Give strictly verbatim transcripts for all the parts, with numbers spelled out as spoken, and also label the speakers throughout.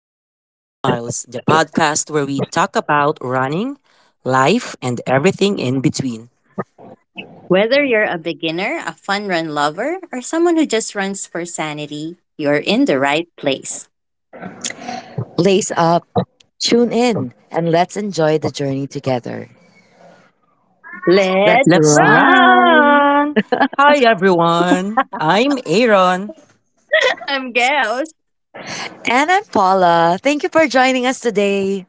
Speaker 1: Miles and Smiles, the podcast where we talk about running, life, and everything in between.
Speaker 2: Whether you're a beginner, a fun run lover, or someone who just runs for sanity, you're in the right place.
Speaker 3: Lace up, tune in, and let's enjoy the journey together. Let's
Speaker 2: Let's
Speaker 1: Let's
Speaker 2: run!
Speaker 3: run.
Speaker 1: run! Hi, everyone. I'm Aaron.
Speaker 2: I'm Gels.
Speaker 3: And I'm Paula. Thank you for joining us today.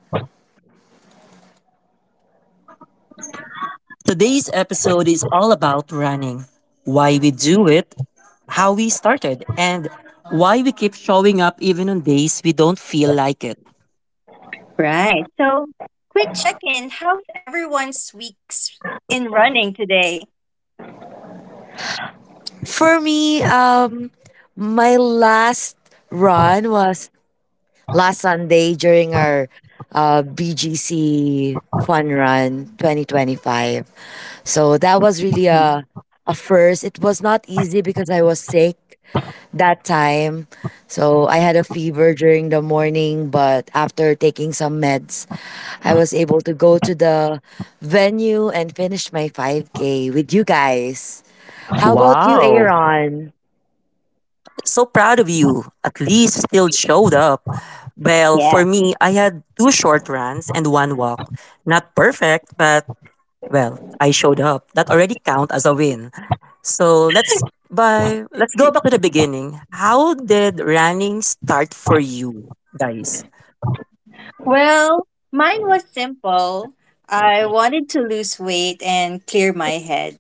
Speaker 1: Today's episode is all about running: why we do it, how we started, and why we keep showing up even on days we don't feel like it.
Speaker 2: Right. So, quick check in. How's everyone's weeks in running today?
Speaker 3: For me, um, my last run was last Sunday during our uh, B G C Fun Run twenty twenty-five. So that was really a,
Speaker 2: Mhm.
Speaker 3: a first. It was not easy because I was sick that time. So I had a fever during the morning, but after taking some meds, I was able to go to the venue and finish my five K with you guys. How about you,
Speaker 1: Wow.
Speaker 3: Aaron?
Speaker 1: So proud of you. At least you still showed up. Well,
Speaker 2: Yeah.
Speaker 1: for me, I had two short runs and one walk. Not perfect, but well, I showed up. That already count as a win. So let's by let's go back to the beginning. How did running start for you guys?
Speaker 2: Well, mine was simple. I wanted to lose weight and clear my head.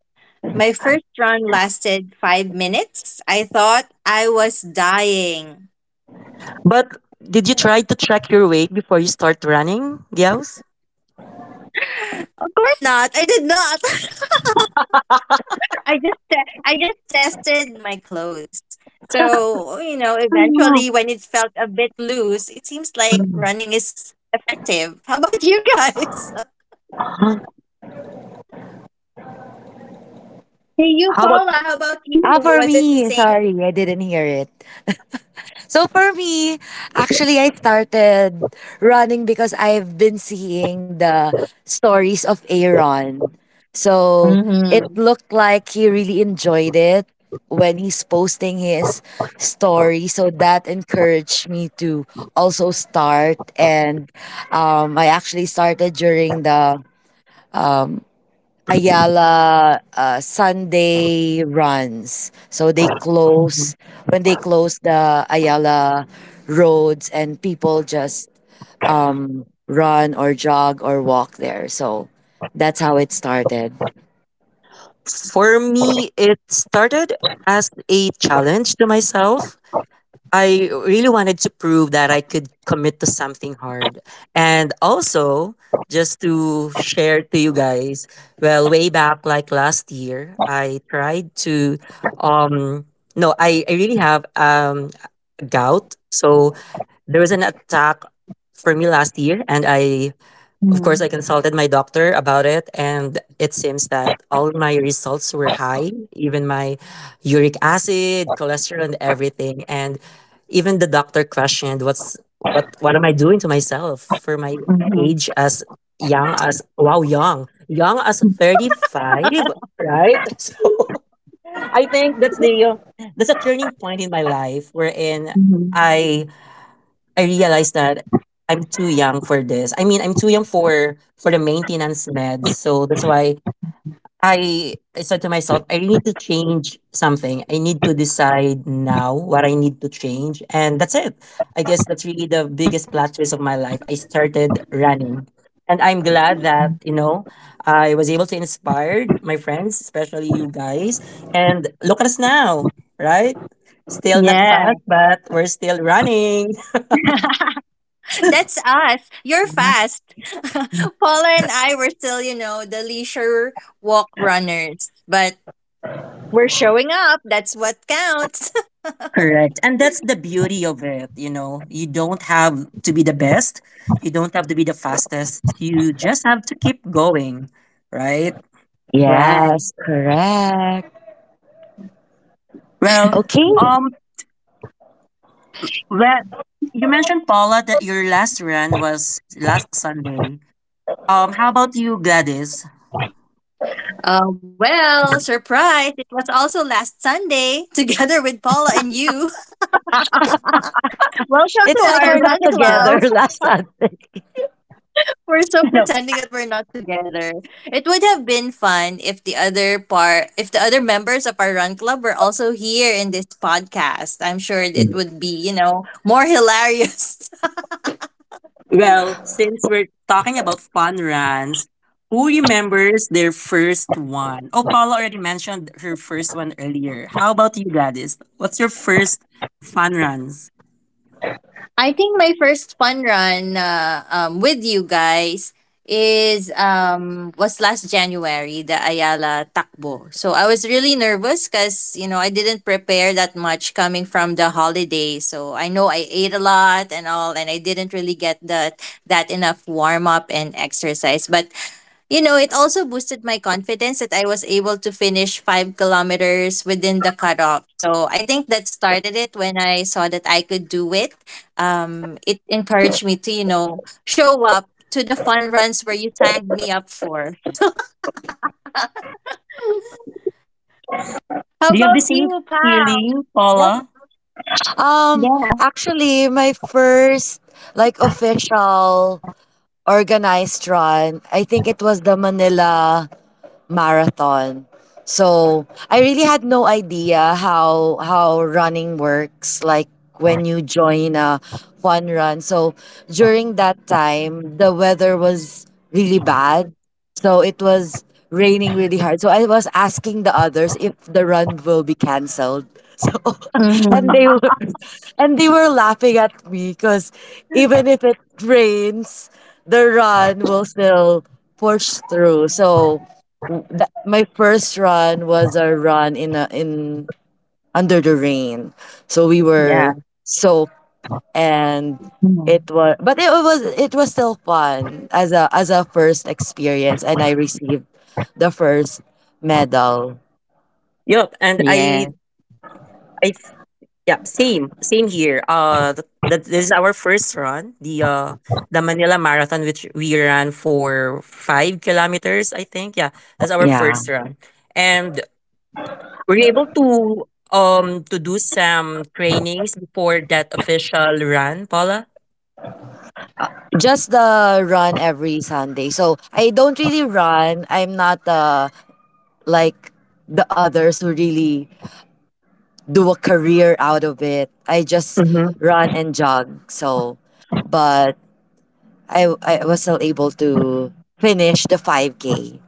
Speaker 2: My first run lasted five minutes. I thought I was dying.
Speaker 1: But did you try to track your weight before you start running, Gels?
Speaker 2: Of course not. I did not. I just te- I just tested my clothes. So, you know, eventually
Speaker 1: Mm.
Speaker 2: when it felt a bit loose, it seems like running is effective. How about you guys? Hey, you,
Speaker 1: How about
Speaker 2: Paula, how about you?
Speaker 3: Ah, for
Speaker 2: Was it the
Speaker 3: me,
Speaker 2: same?
Speaker 3: sorry, I didn't hear it. So for me, actually, I started running because I've been seeing the stories of Aaron. So it
Speaker 2: Mm-hmm.
Speaker 3: looked like he really enjoyed it when he's posting his story. So that encouraged me to also start. And um, I actually started during the Ayala uh, Sunday runs. So they close when they close the Ayala roads and people just um, run or jog or walk there. So that's how it started.
Speaker 1: for me? It started as a challenge to myself. I really wanted to prove that I could commit to something hard. And also, just to share to you guys, well, way back like last year, I tried to um no, I, I really have um a gout. So there was an attack for me last year and I of course, I consulted my doctor about it, and it seems that all my results were high, even my uric acid, cholesterol, and everything. And even the doctor questioned, "What's what? What am I doing to myself for my
Speaker 2: Mm-hmm.
Speaker 1: age as young as wow, young, young as thirty five, right?" So, I think that's the uh, that's a turning point in my life wherein
Speaker 2: hmm
Speaker 1: I I realized that I'm too young for this. I mean, I'm too young for for the maintenance meds. So that's why I I said to myself, I need to change something. I need to decide now what I need to change, and that's it. I guess that's really the biggest plot twist of my life. I started running, and I'm glad that you know I was able to inspire my friends, especially you guys. And look at us now, right? Still not
Speaker 2: Yeah.
Speaker 1: fat, but we're still running.
Speaker 2: That's us. You're fast. Paula and I were still, you know, the leisure walk runners, but we're showing up. That's what counts.
Speaker 1: Correct. And that's the beauty of it, you know. You don't have to be the best, you don't have to be the fastest. You just have to keep going, right?
Speaker 2: Right.
Speaker 3: Yes, correct.
Speaker 1: Well,
Speaker 3: Okay.
Speaker 1: um well, you mentioned Paula that your last run was last Sunday. Um how about you, Gladys?
Speaker 2: Uh, well, surprise! It was also last Sunday, together with Paula and you. Welcome to
Speaker 3: It's like
Speaker 2: our
Speaker 3: we're
Speaker 1: It's
Speaker 2: run
Speaker 3: not
Speaker 1: a surprise.
Speaker 2: club.
Speaker 3: together last time.
Speaker 2: We're so pretending that we're not together. It would have been fun if the other part, if the other members of our run club were also here in this podcast. I'm sure it would be, you know, more hilarious.
Speaker 1: Well, since we're talking about fun runs, who remembers their first one? Oh, Paula already mentioned her first one earlier. How about you, Gladys? What's your first fun runs?
Speaker 2: I think my first fun run uh, um, with you guys is um was last January, the Ayala Takbo. So I was really nervous, cuz you know, I didn't prepare that much coming from the holiday. So I know I ate a lot and all, and I didn't really get that that enough warm up and exercise. But you know, it also boosted my confidence that I was able to finish five kilometers within the cutoff. So I think that started it, when I saw that I could do it. Um, it encouraged me to, you know, show up to the fun runs where you signed me up for. How
Speaker 1: Do you have
Speaker 2: about
Speaker 1: the same
Speaker 2: you, Pal?
Speaker 1: feeling,
Speaker 2: Yep.
Speaker 1: Paula?
Speaker 3: Um,
Speaker 2: Yeah.
Speaker 3: actually my first like official organized run, I think it was the Manila marathon. So I really had no idea how how running works, like when you join a fun run. So during that time the weather was really bad. So it was raining really hard. So I was asking the others if the run will be cancelled. So and they
Speaker 2: Mhm.
Speaker 3: were and they were laughing at me because even if it rains, the run will still push through. So that my first run was a run in a, in under the rain. So we
Speaker 2: Yeah.
Speaker 3: were soaked and
Speaker 2: Mhm.
Speaker 3: it was but it was it was still fun as a as a first experience, and I received the first medal.
Speaker 1: Yup, and I,
Speaker 2: Yeah.
Speaker 1: I, yeah, same, same here. Uh, th- that This is our first run, the uh, the Manila Marathon, which we ran for five kilometers, I think. Yeah, that's our
Speaker 3: Yeah.
Speaker 1: first run, and we're able to um to do some trainings before that official run, Paula.
Speaker 3: Just the run every Sunday. So I don't really run. I'm not uh like the others who really do a career out of it. I just
Speaker 1: Mm-hmm.
Speaker 3: run and jog. So but I, I was still able to finish the five K.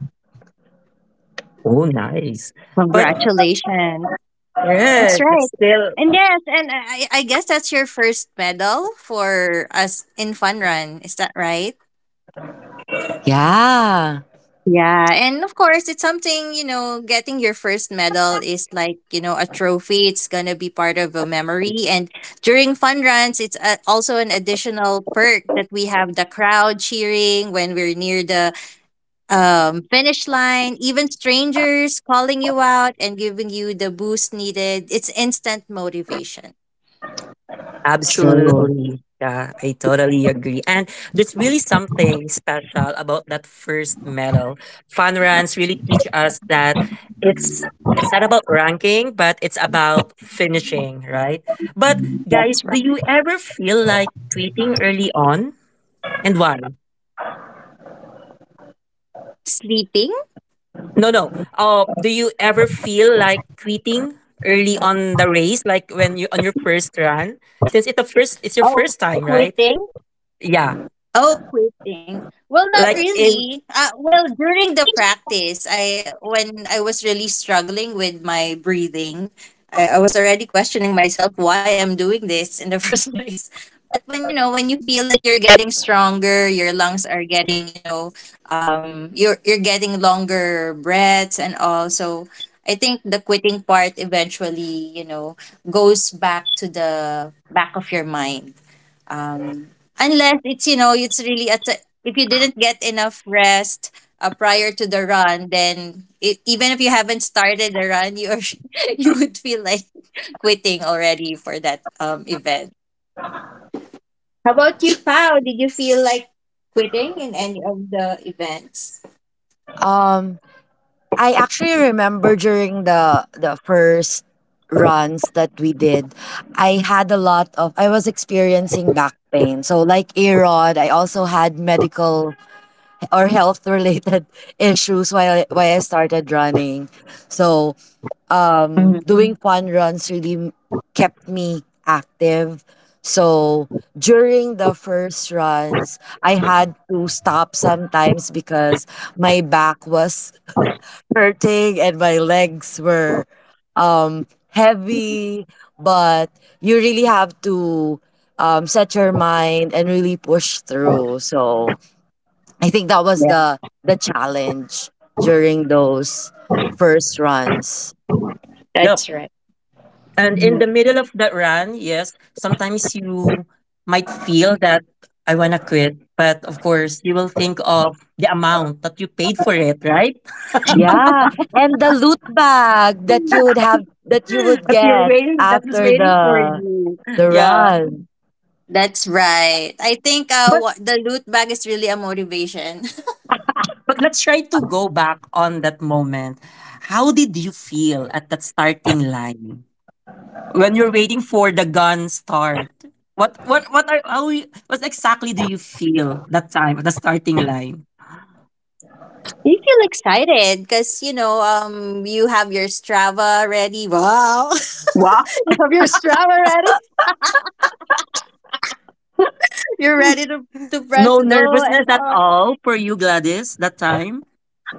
Speaker 1: Oh, nice. But
Speaker 2: Congratulations. That's
Speaker 1: yeah, that's
Speaker 2: right.
Speaker 1: still
Speaker 2: And yes, and I, I I guess that's your first medal for us in Fun Run. Is that right?
Speaker 3: Yeah,
Speaker 2: Yeah, and of course, it's something, you know. Getting your first medal is like, you know, a trophy. It's going to be part of a memory. And during fun runs, it's a, also an additional perk that we have the crowd cheering when we're near the um, finish line, even strangers calling you out and giving you the boost needed. It's instant motivation.
Speaker 3: true.
Speaker 1: absolutely. Yeah, I totally agree. And there's really something special about that first medal. Fun runs really teach us that it's it's not about ranking, but it's about finishing, right? But guys,
Speaker 2: That's
Speaker 1: do
Speaker 2: right.
Speaker 1: you ever feel like quitting early on? And why?
Speaker 2: Sleeping?
Speaker 1: No, no. Uh, do you ever feel like quitting early on the race, like when you on your first run? Since it's the first, it's your
Speaker 2: Oh,
Speaker 1: first time, right?
Speaker 2: quitting?
Speaker 1: Yeah.
Speaker 2: Oh, quitting. Well, not
Speaker 1: Like in
Speaker 2: really. Uh, well, during the practice, I when I was really struggling with my breathing, I, I was already questioning myself why I'm doing this in the first place. But when you know, when you feel that you're getting stronger, your lungs are getting, you know, um, you're you're getting longer breaths and all. So I think the quitting part eventually, you know, goes back to the back of your mind, um, unless it's you know, it's really at the- if you didn't get enough rest uh, prior to the run. Then it, even if you haven't started the run, you are, you would feel like quitting already for that um event. How about you, Pao? Did you feel like quitting in any of the events?
Speaker 3: Um, I actually remember during the the first runs that we did, I had a lot of I was experiencing back pain. So like Erod, I also had medical or health related issues while I- while I started running. So um, doing
Speaker 2: Mhm.
Speaker 3: fun runs really m- kept me active. So during the first runs, I had to stop sometimes because my back was hurting and my legs were um, heavy. But you really have to um, set your mind and really push through. So I think that was
Speaker 2: Yeah,
Speaker 3: the the challenge during those first runs.
Speaker 1: Yep.
Speaker 2: that's right.
Speaker 1: And in
Speaker 2: Mhm.
Speaker 1: the middle of that run, yes, sometimes you might feel that I wanna quit, but of course you will think of the amount that you paid for it, right?
Speaker 3: Yeah, and the loot bag that you would have that you would
Speaker 1: But you're
Speaker 3: get
Speaker 1: waiting, that is
Speaker 3: after
Speaker 1: waiting for
Speaker 3: the
Speaker 1: you.
Speaker 3: the
Speaker 1: Yeah.
Speaker 3: run,
Speaker 2: That's right. I think uh,
Speaker 1: But
Speaker 2: wha- the loot bag is really a motivation.
Speaker 1: But let's try to go back on that moment. How did you feel at that starting line when you're waiting for the gun start? What what what are how you, what exactly do you feel that time at the starting line?
Speaker 2: You feel excited because you know, um you have your Strava ready. Wow,
Speaker 1: Wow.
Speaker 2: you have your Strava ready. You're ready to, to press
Speaker 1: No
Speaker 2: go
Speaker 1: nervousness
Speaker 2: and
Speaker 1: at
Speaker 2: all.
Speaker 1: all for you, Gladys, that time.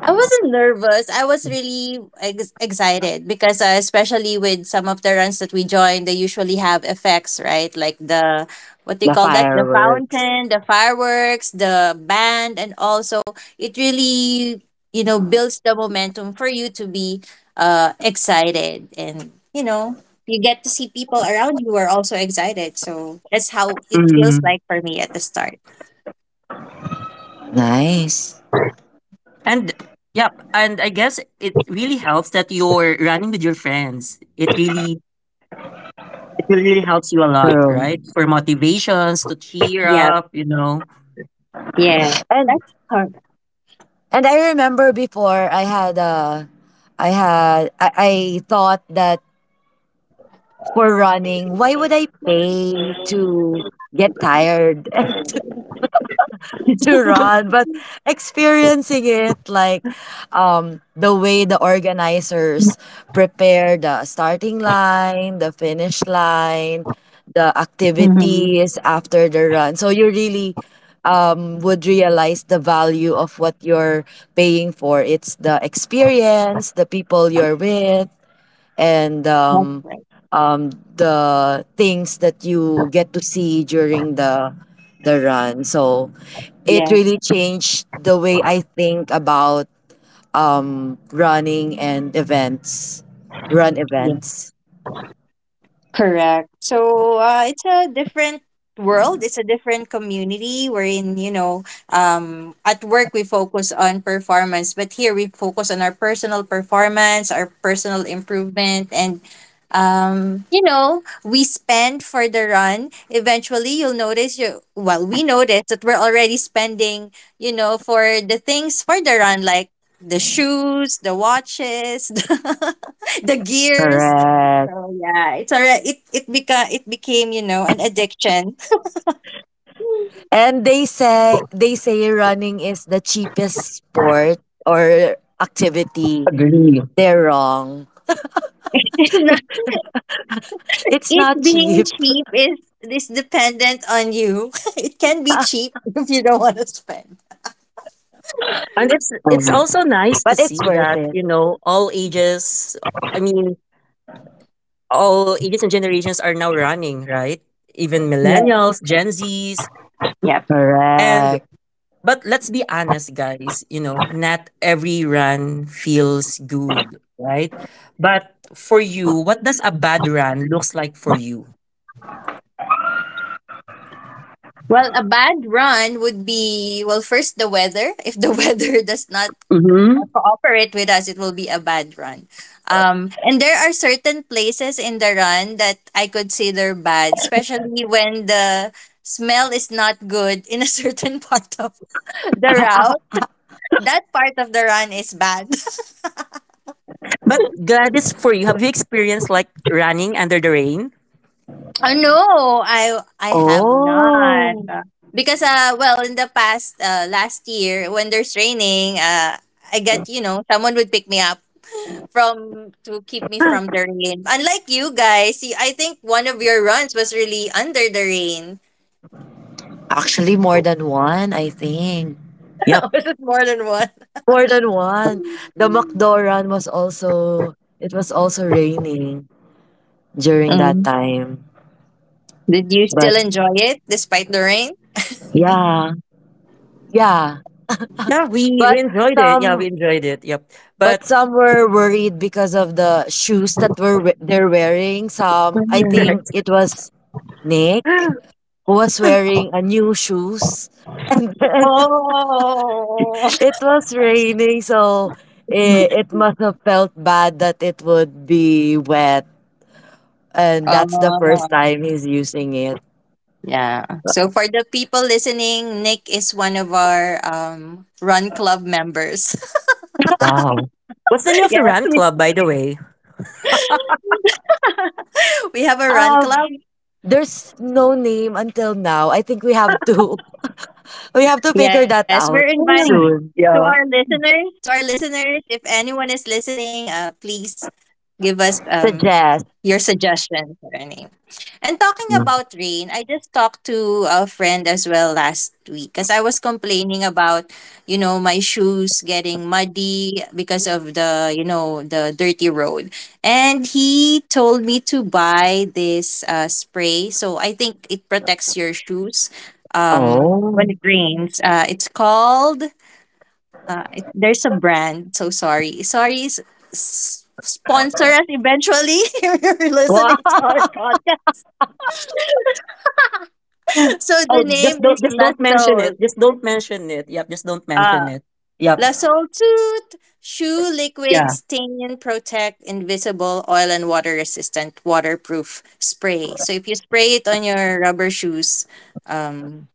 Speaker 2: I wasn't nervous. I was really ex- excited because, uh, especially with some of the runs that we join, they usually have effects, right? Like the, what do you
Speaker 3: the
Speaker 2: call that? The
Speaker 3: fireworks.
Speaker 2: fountain, the fireworks, the band, and also it really, you know, builds the momentum for you to be uh, excited. And, you know, you get to see people around you who are also excited. So that's how it feels
Speaker 1: Mm.
Speaker 2: like for me at the start.
Speaker 3: Nice.
Speaker 1: And yep, and I guess it really helps that you're running with your friends. It really it will really helps you a lot,
Speaker 3: True.
Speaker 1: right? For motivations to cheer
Speaker 2: Yeah.
Speaker 1: up, you know.
Speaker 2: Yeah,
Speaker 3: And
Speaker 2: that's perfect.
Speaker 3: and I remember before I had a I had I, I thought that, for running, why would I pay to get tired? To run, but experiencing it, like um the way the organizers prepare the starting line, the finish line, the
Speaker 2: hmm
Speaker 3: activities after the run. So you really um would realize the value of what you're paying for. It's the experience, the people you're with, and
Speaker 2: That's
Speaker 3: um,
Speaker 2: right.
Speaker 3: um, the things that you get to see during the the run. So it
Speaker 2: Yeah,
Speaker 3: really changed the way I think about um, running and events, run
Speaker 2: yeah.
Speaker 3: events.
Speaker 2: Correct. So uh, it's a different world. It's a different community wherein, you know, um, at work we focus on performance, but here we focus on our personal performance, our personal improvement, and um, you know, we spend for the run. Eventually, you'll notice you. Well, we notice that we're already spending, you know, for the things for the run, like the shoes, the watches, the gears. So
Speaker 3: Correct.
Speaker 2: yeah, it's already It it beca- it became, you know, an addiction.
Speaker 3: And they say they say running is the cheapest sport or activity.
Speaker 1: Agree.
Speaker 3: They're wrong.
Speaker 2: It's not-
Speaker 3: It's
Speaker 2: It
Speaker 3: not
Speaker 2: being
Speaker 3: cheap.
Speaker 2: cheap is is dependent on you. It can be
Speaker 3: Oh
Speaker 2: cheap if you don't want to spend.
Speaker 1: And it's it's
Speaker 3: my
Speaker 1: also
Speaker 3: God.
Speaker 1: nice to
Speaker 3: But it's
Speaker 1: see
Speaker 3: worth
Speaker 1: that,
Speaker 3: it.
Speaker 1: you know, all ages, I mean, all ages and generations are now running, right? Even
Speaker 2: Yeah.
Speaker 1: millennials, Gen Zs,
Speaker 2: Yeah.
Speaker 1: and
Speaker 3: Correct.
Speaker 1: but let's be honest, guys, you know, not every run feels good, right? But for you, what does a bad run looks like for you?
Speaker 2: Well, a bad run would be, well, first, the weather. If the weather does not
Speaker 1: Mm-hmm.
Speaker 2: cooperate with us, it will be a bad run. Um, and there are certain places in the run that I consider bad, especially when the smell is not good in a certain part of the route. That part of the run is bad.
Speaker 1: But Gladys, for you, have you experienced like running under the rain?
Speaker 2: Oh no, I I have not.
Speaker 3: Oh.
Speaker 2: Because uh well, in the past, uh last year, when there's raining, uh I get, you know, someone would pick me up from to keep me from the rain. Unlike you guys, see, I think one of your runs was really under the rain.
Speaker 3: Actually, more than one, I think.
Speaker 1: Yep.
Speaker 2: Was it more than one?
Speaker 3: More than one. The McDoran was also it was also raining during that
Speaker 2: Mm.
Speaker 3: time.
Speaker 2: Did you
Speaker 3: But
Speaker 2: still enjoy it despite the rain?
Speaker 3: yeah. Yeah.
Speaker 1: Yeah, we, we
Speaker 3: But
Speaker 1: enjoyed it. Yeah, we
Speaker 3: some
Speaker 1: enjoyed it. Yep.
Speaker 3: but
Speaker 1: But
Speaker 3: some were worried because of the shoes that were we- they're wearing. Some I
Speaker 2: Mhm.
Speaker 3: think it was Nick who was wearing a new shoes. And then
Speaker 2: Oh.
Speaker 3: it was raining, so it, it must have felt bad that it would be wet, and that's the first
Speaker 2: Oh.
Speaker 3: time he's using it.
Speaker 2: Yeah. So for the people listening, Nick is one of our um, run club members.
Speaker 1: Wow. What's the name of the
Speaker 2: Yes,
Speaker 1: rant
Speaker 2: we
Speaker 1: club, by the way?
Speaker 2: we have a run club.
Speaker 3: Um, there's no name until now. I think we have to we have to figure
Speaker 2: Yes,
Speaker 3: that
Speaker 2: we're
Speaker 3: out
Speaker 2: inviting,
Speaker 1: Ah,
Speaker 3: soon.
Speaker 2: to our
Speaker 1: yeah.
Speaker 2: listeners, to our listeners, if anyone is listening, uh, please give us um
Speaker 3: Suggest.
Speaker 2: your suggestion for a name. And talking about rain, I just talked to a friend as well last week because I was complaining about, you know, my shoes getting muddy because of the, you know, the dirty road. And he told me to buy this uh, spray. So I think it protects your shoes um, when
Speaker 3: Oh.
Speaker 2: it rains. Uh, it's called, uh, it, there's a brand, so sorry. Sorry, s- s- sponsor us eventually if you're
Speaker 3: Wow.
Speaker 2: listening to our podcast. So the
Speaker 1: Oh, just
Speaker 2: name
Speaker 1: don't
Speaker 2: is
Speaker 1: just don't mention it.
Speaker 2: Lasol.
Speaker 1: Just don't mention it. Yep, just don't mention
Speaker 2: Uh,
Speaker 1: it. Yep.
Speaker 2: Lasol Tooth Shoe Liquid
Speaker 1: Yeah.
Speaker 2: Stain Protect Invisible Oil and Water Resistant Waterproof Spray. So if you spray it on your rubber shoes, um,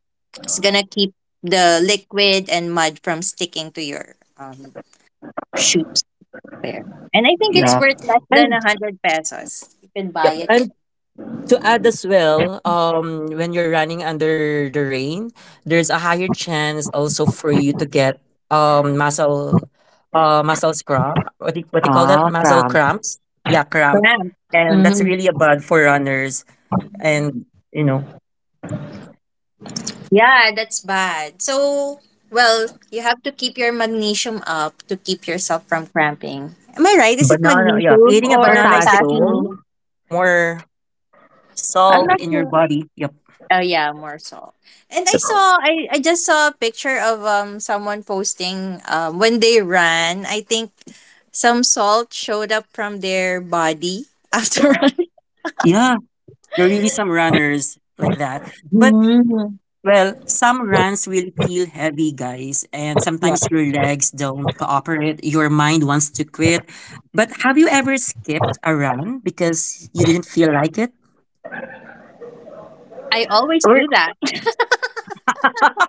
Speaker 2: it's gonna keep the liquid and mud from sticking to your um, shoes there. And I think it's
Speaker 1: Yeah.
Speaker 2: worth less than
Speaker 1: And
Speaker 2: a hundred pesos. You can buy
Speaker 1: yep.
Speaker 2: it.
Speaker 1: And to add as well, um, when you're running under the rain, there's a higher chance also for you to get um muscle uh muscle cramp. What do you, what do you call that?
Speaker 3: Ah,
Speaker 1: Muscle
Speaker 3: cramp.
Speaker 1: cramps. Yeah, cramps.
Speaker 2: Correct.
Speaker 1: And that's
Speaker 2: hmm
Speaker 1: really a bad for runners. And you know.
Speaker 2: Yeah, that's bad. So, well, you have to keep your magnesium up to keep yourself from cramping. Am I right? Is it
Speaker 1: Banana, yeah.
Speaker 2: magnesium
Speaker 1: Eating a
Speaker 2: or
Speaker 1: banana is the key.
Speaker 3: Potassium.
Speaker 2: potassium?
Speaker 1: More
Speaker 2: I'm
Speaker 1: salt
Speaker 2: not
Speaker 1: in your
Speaker 2: sure.
Speaker 1: body. Yep.
Speaker 2: Oh yeah, more salt. And I saw, I, I just saw a picture of um someone posting um when they ran. I think some salt showed up from their body after
Speaker 1: Yeah, there are really some runners like that. But,
Speaker 2: running.
Speaker 1: well, some runs will feel heavy, guys, and
Speaker 2: Yeah.
Speaker 1: sometimes your legs don't cooperate. Your mind wants to quit. But have you ever skipped a run because you didn't feel like it?
Speaker 2: I always
Speaker 1: Or-
Speaker 2: do that.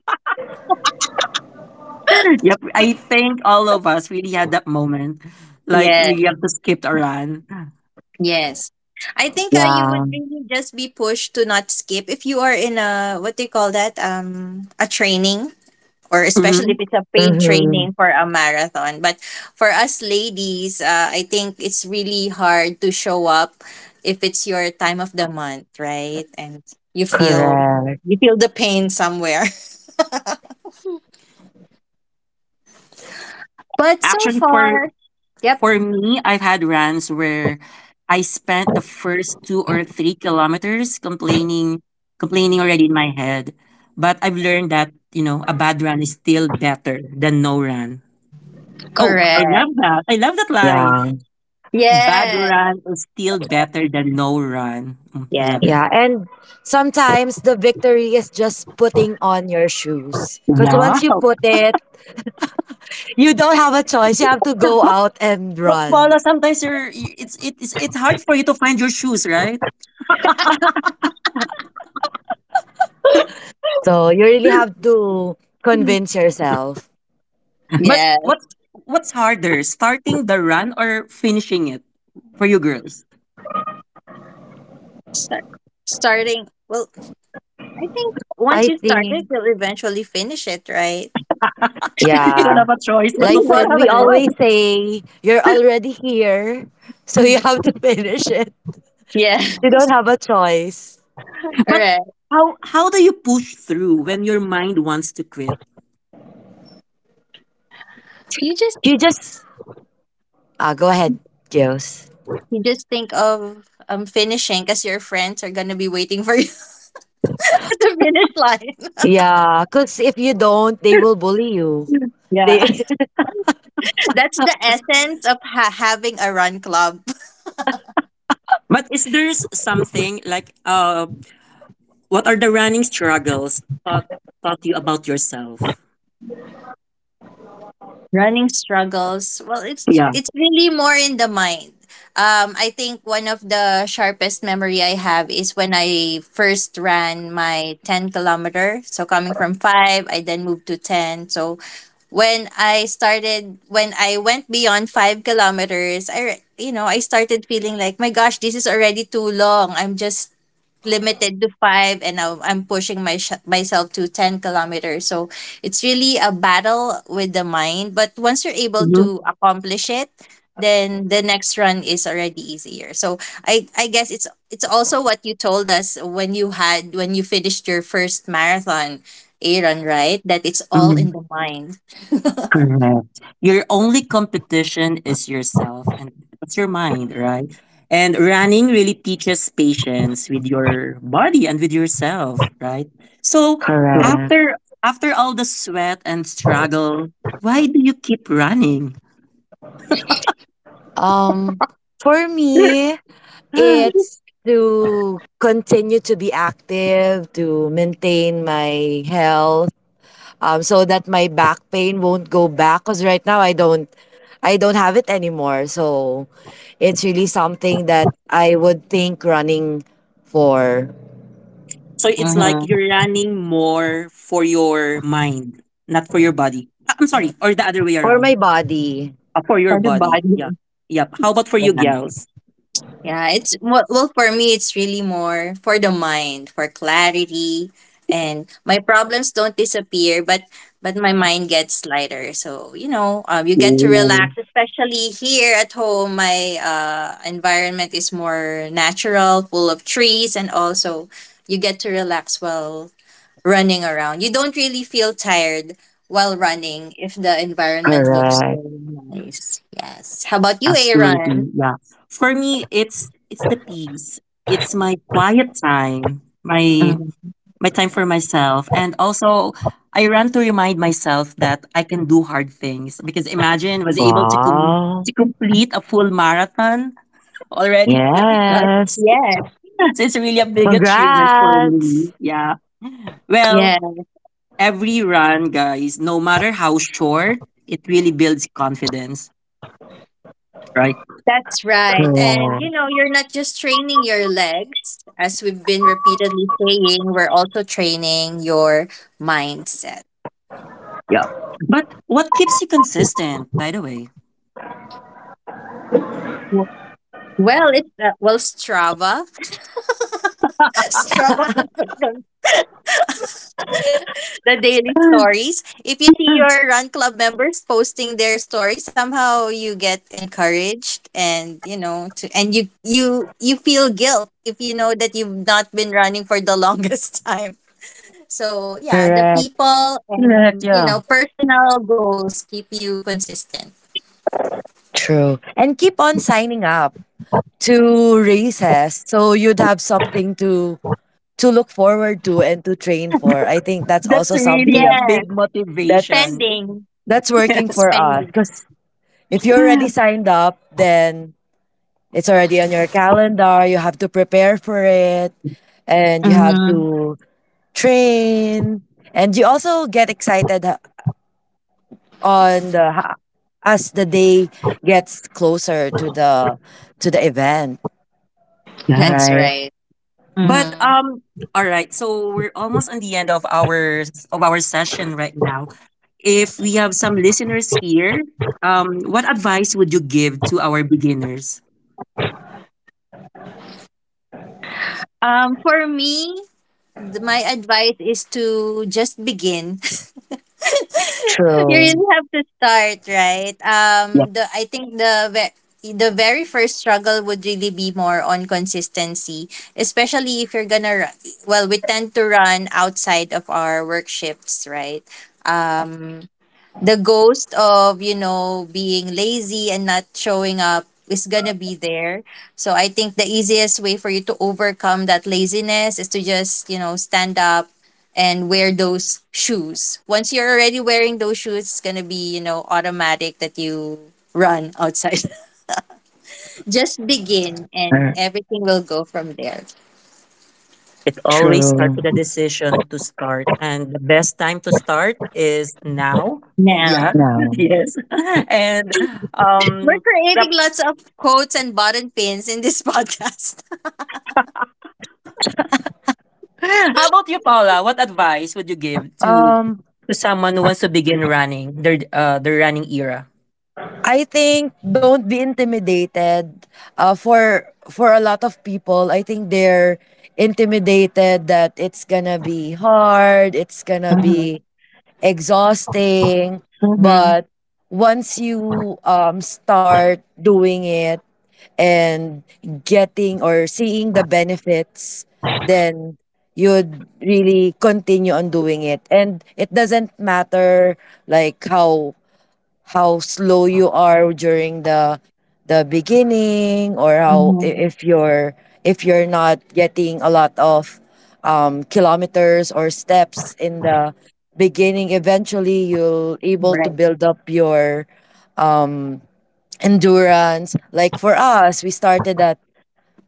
Speaker 1: yep, I think all of us really had that moment. Like,
Speaker 2: Yes.
Speaker 1: we have to skip a run.
Speaker 2: Yes. I think uh, you
Speaker 3: Yeah.
Speaker 2: would really just be pushed to not skip if you are in a, what do you call that, um a training, or especially if
Speaker 1: Hmm.
Speaker 2: it's a paid
Speaker 3: Mm-hmm.
Speaker 2: training for a marathon. But for us ladies, uh, I think it's really hard to show up if it's your time of the month, right? And you feel
Speaker 3: Correct.
Speaker 2: you feel the pain somewhere. But so
Speaker 1: Actually, for
Speaker 2: far, yep,
Speaker 1: For me, I've had runs where I spent the first two or three kilometers complaining, complaining already in my head. But I've learned that, you know, a bad run is still better than no run. Oh, I
Speaker 2: correct.
Speaker 1: love that. I love that line.
Speaker 3: Yeah.
Speaker 1: Bad
Speaker 2: Yes.
Speaker 1: run is still better than no run. Mm, I
Speaker 2: Yes.
Speaker 1: love it.
Speaker 3: Yeah, and sometimes the victory is just putting on your shoes. Because
Speaker 1: Wow.
Speaker 3: once you put it, you don't have a choice. You have to go
Speaker 1: But,
Speaker 3: out and
Speaker 1: but Paula,
Speaker 3: run.
Speaker 1: sometimes you're, you- it's, it's, it's hard for you to find your shoes, right?
Speaker 3: So you really have to convince yourself.
Speaker 1: But
Speaker 2: Yes.
Speaker 1: what's what's harder, starting the run or finishing it for you girls?
Speaker 2: Start, starting, well, I think once
Speaker 3: I
Speaker 2: you start it,
Speaker 3: think,
Speaker 2: you'll eventually finish it, right?
Speaker 1: you don't
Speaker 3: yeah,
Speaker 1: have a choice but to
Speaker 3: like
Speaker 2: You
Speaker 3: what
Speaker 2: don't have
Speaker 1: finish
Speaker 2: a
Speaker 3: we
Speaker 1: it.
Speaker 3: always
Speaker 2: choice.
Speaker 3: say, you're already here. So you have to finish it.
Speaker 2: Yeah.
Speaker 3: You don't have a choice.
Speaker 2: All
Speaker 1: But
Speaker 2: right.
Speaker 1: how how do you push through when your mind wants to quit?
Speaker 2: You just
Speaker 3: You just, ah, go ahead, Jules.
Speaker 2: you just think of um finishing because your friends are gonna be waiting for you at the finish line.
Speaker 3: Yeah, because if you don't, they will bully you.
Speaker 2: Yeah.
Speaker 3: They,
Speaker 2: That's the essence of ha- having a run club.
Speaker 1: But is there s- something like uh what are the running struggles taught taught you about yourself?
Speaker 2: Running struggles, well, it's
Speaker 1: Yeah.
Speaker 2: it's really more in the mind. um I think one of the sharpest memory I have is when I first ran my ten kilometer. So coming from five, I then moved to ten. So when i started when I went beyond five kilometers, i re- you know, I started feeling like, my gosh, this is already too long. I'm just limited to five, and now I'm pushing my sh- myself to ten kilometers. So it's really a battle with the mind, but once you're able to accomplish it, then the next run is already easier. So i i guess it's it's also what you told us when you had when you finished your first marathon, Aaron, right? That it's all in the
Speaker 1: Mhm.
Speaker 2: mind,
Speaker 1: Correct. Your only competition is yourself and it's your mind, right? And running really teaches patience with your body and with yourself, right? So
Speaker 3: correct.
Speaker 1: after after all the sweat and struggle, why do you keep running?
Speaker 3: Um, for me,
Speaker 1: Ah.
Speaker 3: it's to continue to be active, to maintain my health, um, so that my back pain won't go back. Cause right now I don't, I don't have it anymore. So it's really something that I would think running for
Speaker 1: So it's like you're running more for your mind, not for your body. Ah, I'm sorry, or the other way
Speaker 3: for my
Speaker 1: around.
Speaker 3: body.
Speaker 1: Uh, for your
Speaker 2: or the
Speaker 1: body.
Speaker 2: body.
Speaker 1: Yeah. Yep. How about for you girls?
Speaker 2: Yeah, it's well, well for me it's really more for the mind, for clarity, and my problems don't disappear, but but my mind gets lighter. So, you know, um, you get to relax, especially here at home. My uh, environment is more natural, full of trees, and also you get to relax while running around. You don't really feel tired while running if the environment looks so
Speaker 3: Correct.
Speaker 2: nice. Yes. How about you, Aaron?
Speaker 1: Absolutely, yeah. For me, it's it's the peace. It's my quiet time, my
Speaker 2: Mm.
Speaker 1: my time for myself, and also I run to remind myself that I can do hard things. Because imagine was able to com-
Speaker 3: Wow.
Speaker 1: to complete a full marathon already, right?
Speaker 3: Yes.
Speaker 2: Yes.
Speaker 1: So it's really a big achievement for
Speaker 3: Congrats.
Speaker 1: me. Yeah. Well,
Speaker 2: Yeah,
Speaker 1: every run, guys, no matter how short, it really builds confidence. Right.
Speaker 2: that's right. And you
Speaker 3: Correct.
Speaker 2: know, you're not just training your legs, as we've been repeatedly saying, we're also training your mindset.
Speaker 1: Yeah. But what keeps you consistent, by the way?
Speaker 2: W- Well, it's uh, well, Strava. Strava is the daily stories. If you see your run club members posting their story, somehow you get encouraged, and you know, to and you you you feel guilt if you know that you've not been running for the longest time. So yeah, the
Speaker 3: Correct.
Speaker 2: people,
Speaker 1: Correct,
Speaker 2: and, you
Speaker 1: yeah.
Speaker 2: know, personal goals keep you consistent.
Speaker 3: True. And keep on signing up to races so you'd have something to to look forward to and to train for. I think that's
Speaker 1: That's
Speaker 3: also
Speaker 1: really a
Speaker 3: something
Speaker 1: big
Speaker 2: Yes,
Speaker 3: that's
Speaker 1: motivation.
Speaker 2: spending,
Speaker 3: that's working for us,
Speaker 2: spending.
Speaker 3: cuz if you're already signed up, then it's already on your calendar. You have to prepare for it and you have
Speaker 2: hmm
Speaker 3: to train, and you also get excited uh, on the as the day gets closer to the to the event,
Speaker 1: Yeah.
Speaker 2: That's
Speaker 3: right?
Speaker 2: right.
Speaker 1: But
Speaker 2: hmm
Speaker 1: um all right, so we're almost on the end of our of our session right now. If we have some listeners here, um what advice would you give to our beginners?
Speaker 2: Um, for me, th- my advice is to just begin. You
Speaker 3: True.
Speaker 2: really have to start, right? Um the i think the ve- the very first struggle would really be more on consistency, especially if you're gonna run. Well, we tend to run outside of our work shifts, right? um the ghost of, you know, being lazy and not showing up is gonna be there. So I think the easiest way for you to overcome that laziness is to just, you know, stand up and wear those shoes. Once you're already wearing those shoes, it's gonna be, you know, automatic that you run outside. Just begin, and
Speaker 3: Er,
Speaker 2: everything will go from there.
Speaker 1: It always starts
Speaker 3: true.
Speaker 1: with a decision to start, and the best time to start is now.
Speaker 2: Now
Speaker 1: Yeah,
Speaker 3: No.
Speaker 1: yes. And
Speaker 2: we're
Speaker 1: um,
Speaker 2: creating
Speaker 1: yep.
Speaker 2: lots of quotes and button pins in this podcast.
Speaker 1: How about you, Paula? What advice would you give to
Speaker 3: Um,
Speaker 1: to someone who wants to begin running their uh their running era?
Speaker 3: I think don't be intimidated. Uh, for for a lot of people, I think they're intimidated that it's gonna be hard. It's gonna
Speaker 2: Mhm,
Speaker 3: be exhausting.
Speaker 2: mhm,
Speaker 3: But once you um start doing it, and getting or seeing the benefits, then you'd really continue on doing it. And it doesn't matter, like how how slow you are during the the beginning, or how i-
Speaker 2: mhm.
Speaker 3: if you're if you're not getting a lot of um, kilometers or steps in the beginning, eventually you'll able to
Speaker 2: Right.
Speaker 3: build up your um endurance. Like for us, we started at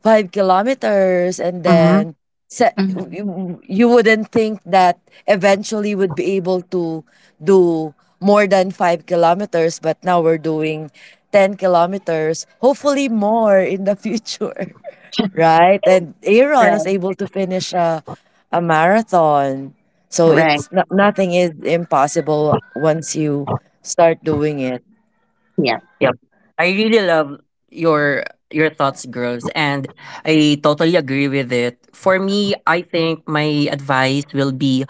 Speaker 3: five kilometers, and
Speaker 1: Mm-hmm.
Speaker 3: then se- you you wouldn't think that eventually would be able to do more than five kilometers, but now we're doing ten kilometers, hopefully more in the future, right? And Aaron was
Speaker 2: Right.
Speaker 3: able to finish a, a marathon. So
Speaker 2: Right.
Speaker 3: it's no- nothing is impossible once you start doing it.
Speaker 2: Yeah.
Speaker 1: Yep. I really love your your thoughts, girls, and I totally agree with it. For me, I think my advice will be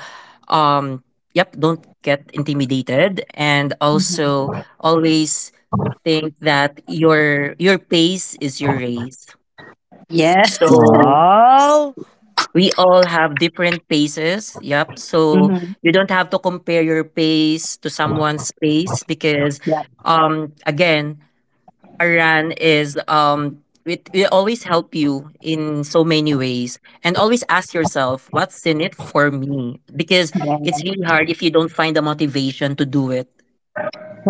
Speaker 1: um yep, don't get intimidated and
Speaker 2: hmm
Speaker 1: also always think that your your pace is your race.
Speaker 2: Yeah.
Speaker 1: So
Speaker 3: Wow!
Speaker 1: we all have different paces. Yep. So
Speaker 2: hmm
Speaker 1: you don't have to compare your pace to someone's pace because
Speaker 2: Yeah.
Speaker 1: um again, Aran is um it, it always help you in so many ways, and always ask yourself what's in it for me, because
Speaker 2: Yeah.
Speaker 1: it's really hard if you don't find the motivation to do it,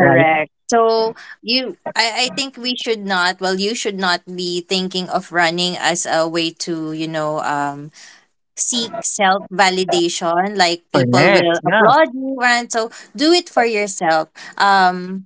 Speaker 1: right?
Speaker 2: So you, I, I think we should not. Well, you should not be thinking of running as a way to, you know, um, seek self validation. Like, people will
Speaker 1: Correct, yeah.
Speaker 2: applaud you, and so, do it for yourself. Um,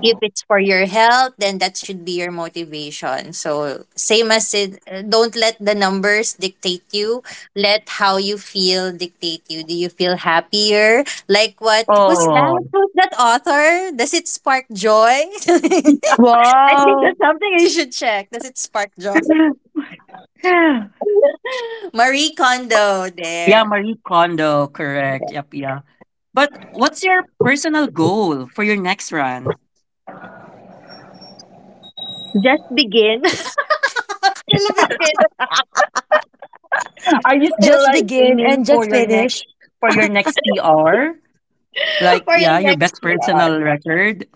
Speaker 2: if it's for your health, then that should be your motivation, so same as it. Don't let the numbers dictate you. Let how you feel dictate you. Do you feel happier, like, what was
Speaker 1: Oh,
Speaker 2: that, who's that author, does it spark joy? I think
Speaker 3: Wow!
Speaker 2: that's something you should check. Does it spark joy? Marie Kondo
Speaker 1: yeah.
Speaker 2: there.
Speaker 1: Marie Kondo. Correct. Yep. Yeah. But what's your personal goal for your next run?
Speaker 2: Just begin. We'll begin.
Speaker 1: Are you still
Speaker 3: Just
Speaker 1: like
Speaker 3: begin
Speaker 1: aiming
Speaker 3: and
Speaker 1: for
Speaker 3: just
Speaker 1: your
Speaker 3: finish.
Speaker 1: next, for your next PR, like,
Speaker 2: For
Speaker 1: yeah,
Speaker 2: your
Speaker 1: your
Speaker 2: next
Speaker 1: best
Speaker 2: P R.
Speaker 1: personal record?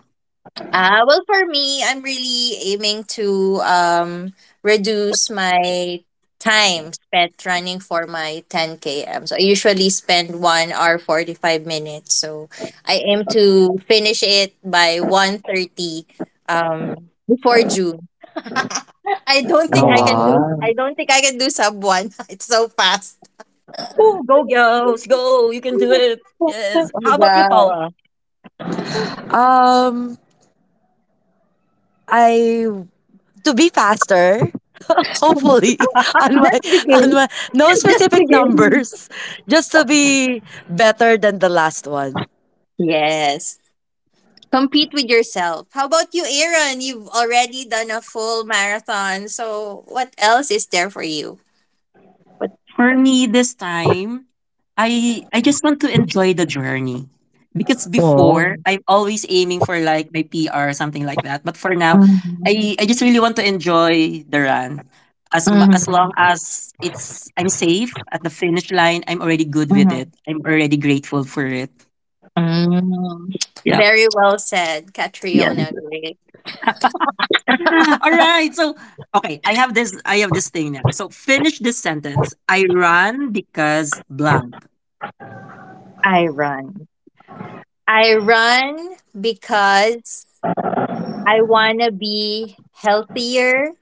Speaker 2: Uh, well, for me, I'm really aiming to um, reduce my time spent running for my ten k m. So I usually spend one hour forty-five minutes. So I aim to finish it by one thirty, um, before June. I don't think
Speaker 3: Oh,
Speaker 2: I can
Speaker 1: Wow.
Speaker 2: do
Speaker 3: wow.
Speaker 2: I don't think I can do sub one. It's so fast.
Speaker 1: Woo, go girls, go! You can do it.
Speaker 2: Oh my
Speaker 1: Yes. How about you,
Speaker 2: gosh.
Speaker 1: Paula?
Speaker 3: Um, I to be faster, hopefully on my
Speaker 2: Just
Speaker 3: on
Speaker 2: begin.
Speaker 3: my no
Speaker 2: Just
Speaker 3: specific
Speaker 2: begin.
Speaker 3: numbers, just to be better than the last one.
Speaker 2: Yes. Compete with yourself. How about you, Aaron? You've already done a full marathon. So what else is there for you? What
Speaker 1: For me this time, I I just want to enjoy the journey. Because
Speaker 3: Oh.
Speaker 1: before, I'm always aiming for like my P R or something like that. But for now,
Speaker 2: Mhm,
Speaker 1: I, I just really want to enjoy the run. As mu-
Speaker 2: mhm,
Speaker 1: as long as it's I'm safe at the finish line, I'm already good with
Speaker 2: mhm,
Speaker 1: it. I'm already grateful for it.
Speaker 2: mhm. Very well said,
Speaker 1: Yeah.
Speaker 2: Catriona Gray.
Speaker 1: Yeah, all right. So, okay, I have this I have this thing now. So, finish this sentence. I run because blank.
Speaker 2: I run. I run because I wanna be healthier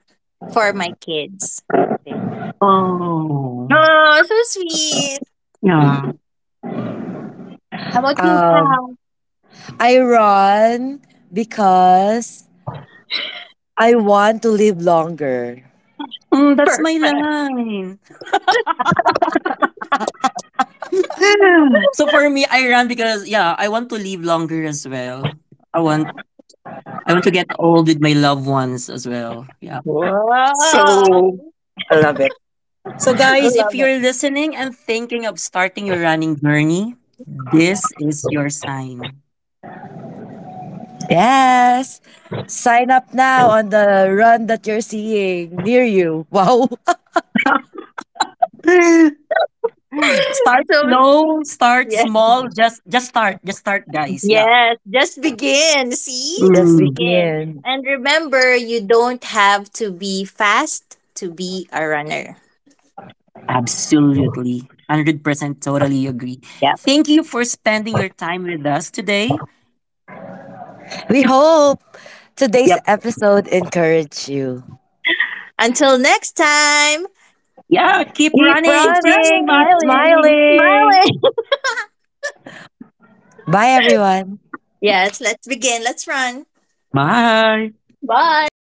Speaker 2: for my kids. Big.
Speaker 1: Oh.
Speaker 2: Oh, so sweet.
Speaker 1: Yeah.
Speaker 2: How about you,
Speaker 3: Um,
Speaker 2: Pal?
Speaker 3: I run because I want to live longer.
Speaker 1: Mm, that's my
Speaker 2: Perfect.
Speaker 1: line. So for me, I run because yeah, I want to live longer as well. I want I want to get old with my loved ones as well. Yeah.
Speaker 2: Wow. Wow.
Speaker 1: So I love it. So
Speaker 2: We
Speaker 1: guys, if
Speaker 2: love it.
Speaker 1: you're listening and thinking of starting your running journey, this is your sign.
Speaker 3: Yes. Sign up now on the run that you're seeing near you. Wow.
Speaker 1: Start
Speaker 2: So
Speaker 1: slow, start
Speaker 2: yes,
Speaker 1: small, just just start, just start guys. Yeah.
Speaker 2: yes, just begin. See,
Speaker 3: Just
Speaker 2: just
Speaker 1: Mm,
Speaker 2: begin.
Speaker 3: begin.
Speaker 2: And remember, you don't have to be fast to be a runner.
Speaker 1: absolutely. one hundred percent totally agree.
Speaker 2: Yeah.
Speaker 1: Thank you for spending your time with us today.
Speaker 3: We hope today's
Speaker 1: Yep.
Speaker 3: episode encouraged you.
Speaker 2: Until next time,
Speaker 1: Yeah, keep
Speaker 3: Keep
Speaker 1: running,
Speaker 2: keep
Speaker 1: keep
Speaker 3: running, keep
Speaker 2: running and keep
Speaker 1: smiling.
Speaker 3: smiling.
Speaker 2: smiling.
Speaker 3: Bye, everyone.
Speaker 2: Yes, let's begin. Let's run.
Speaker 1: Bye.
Speaker 2: Bye.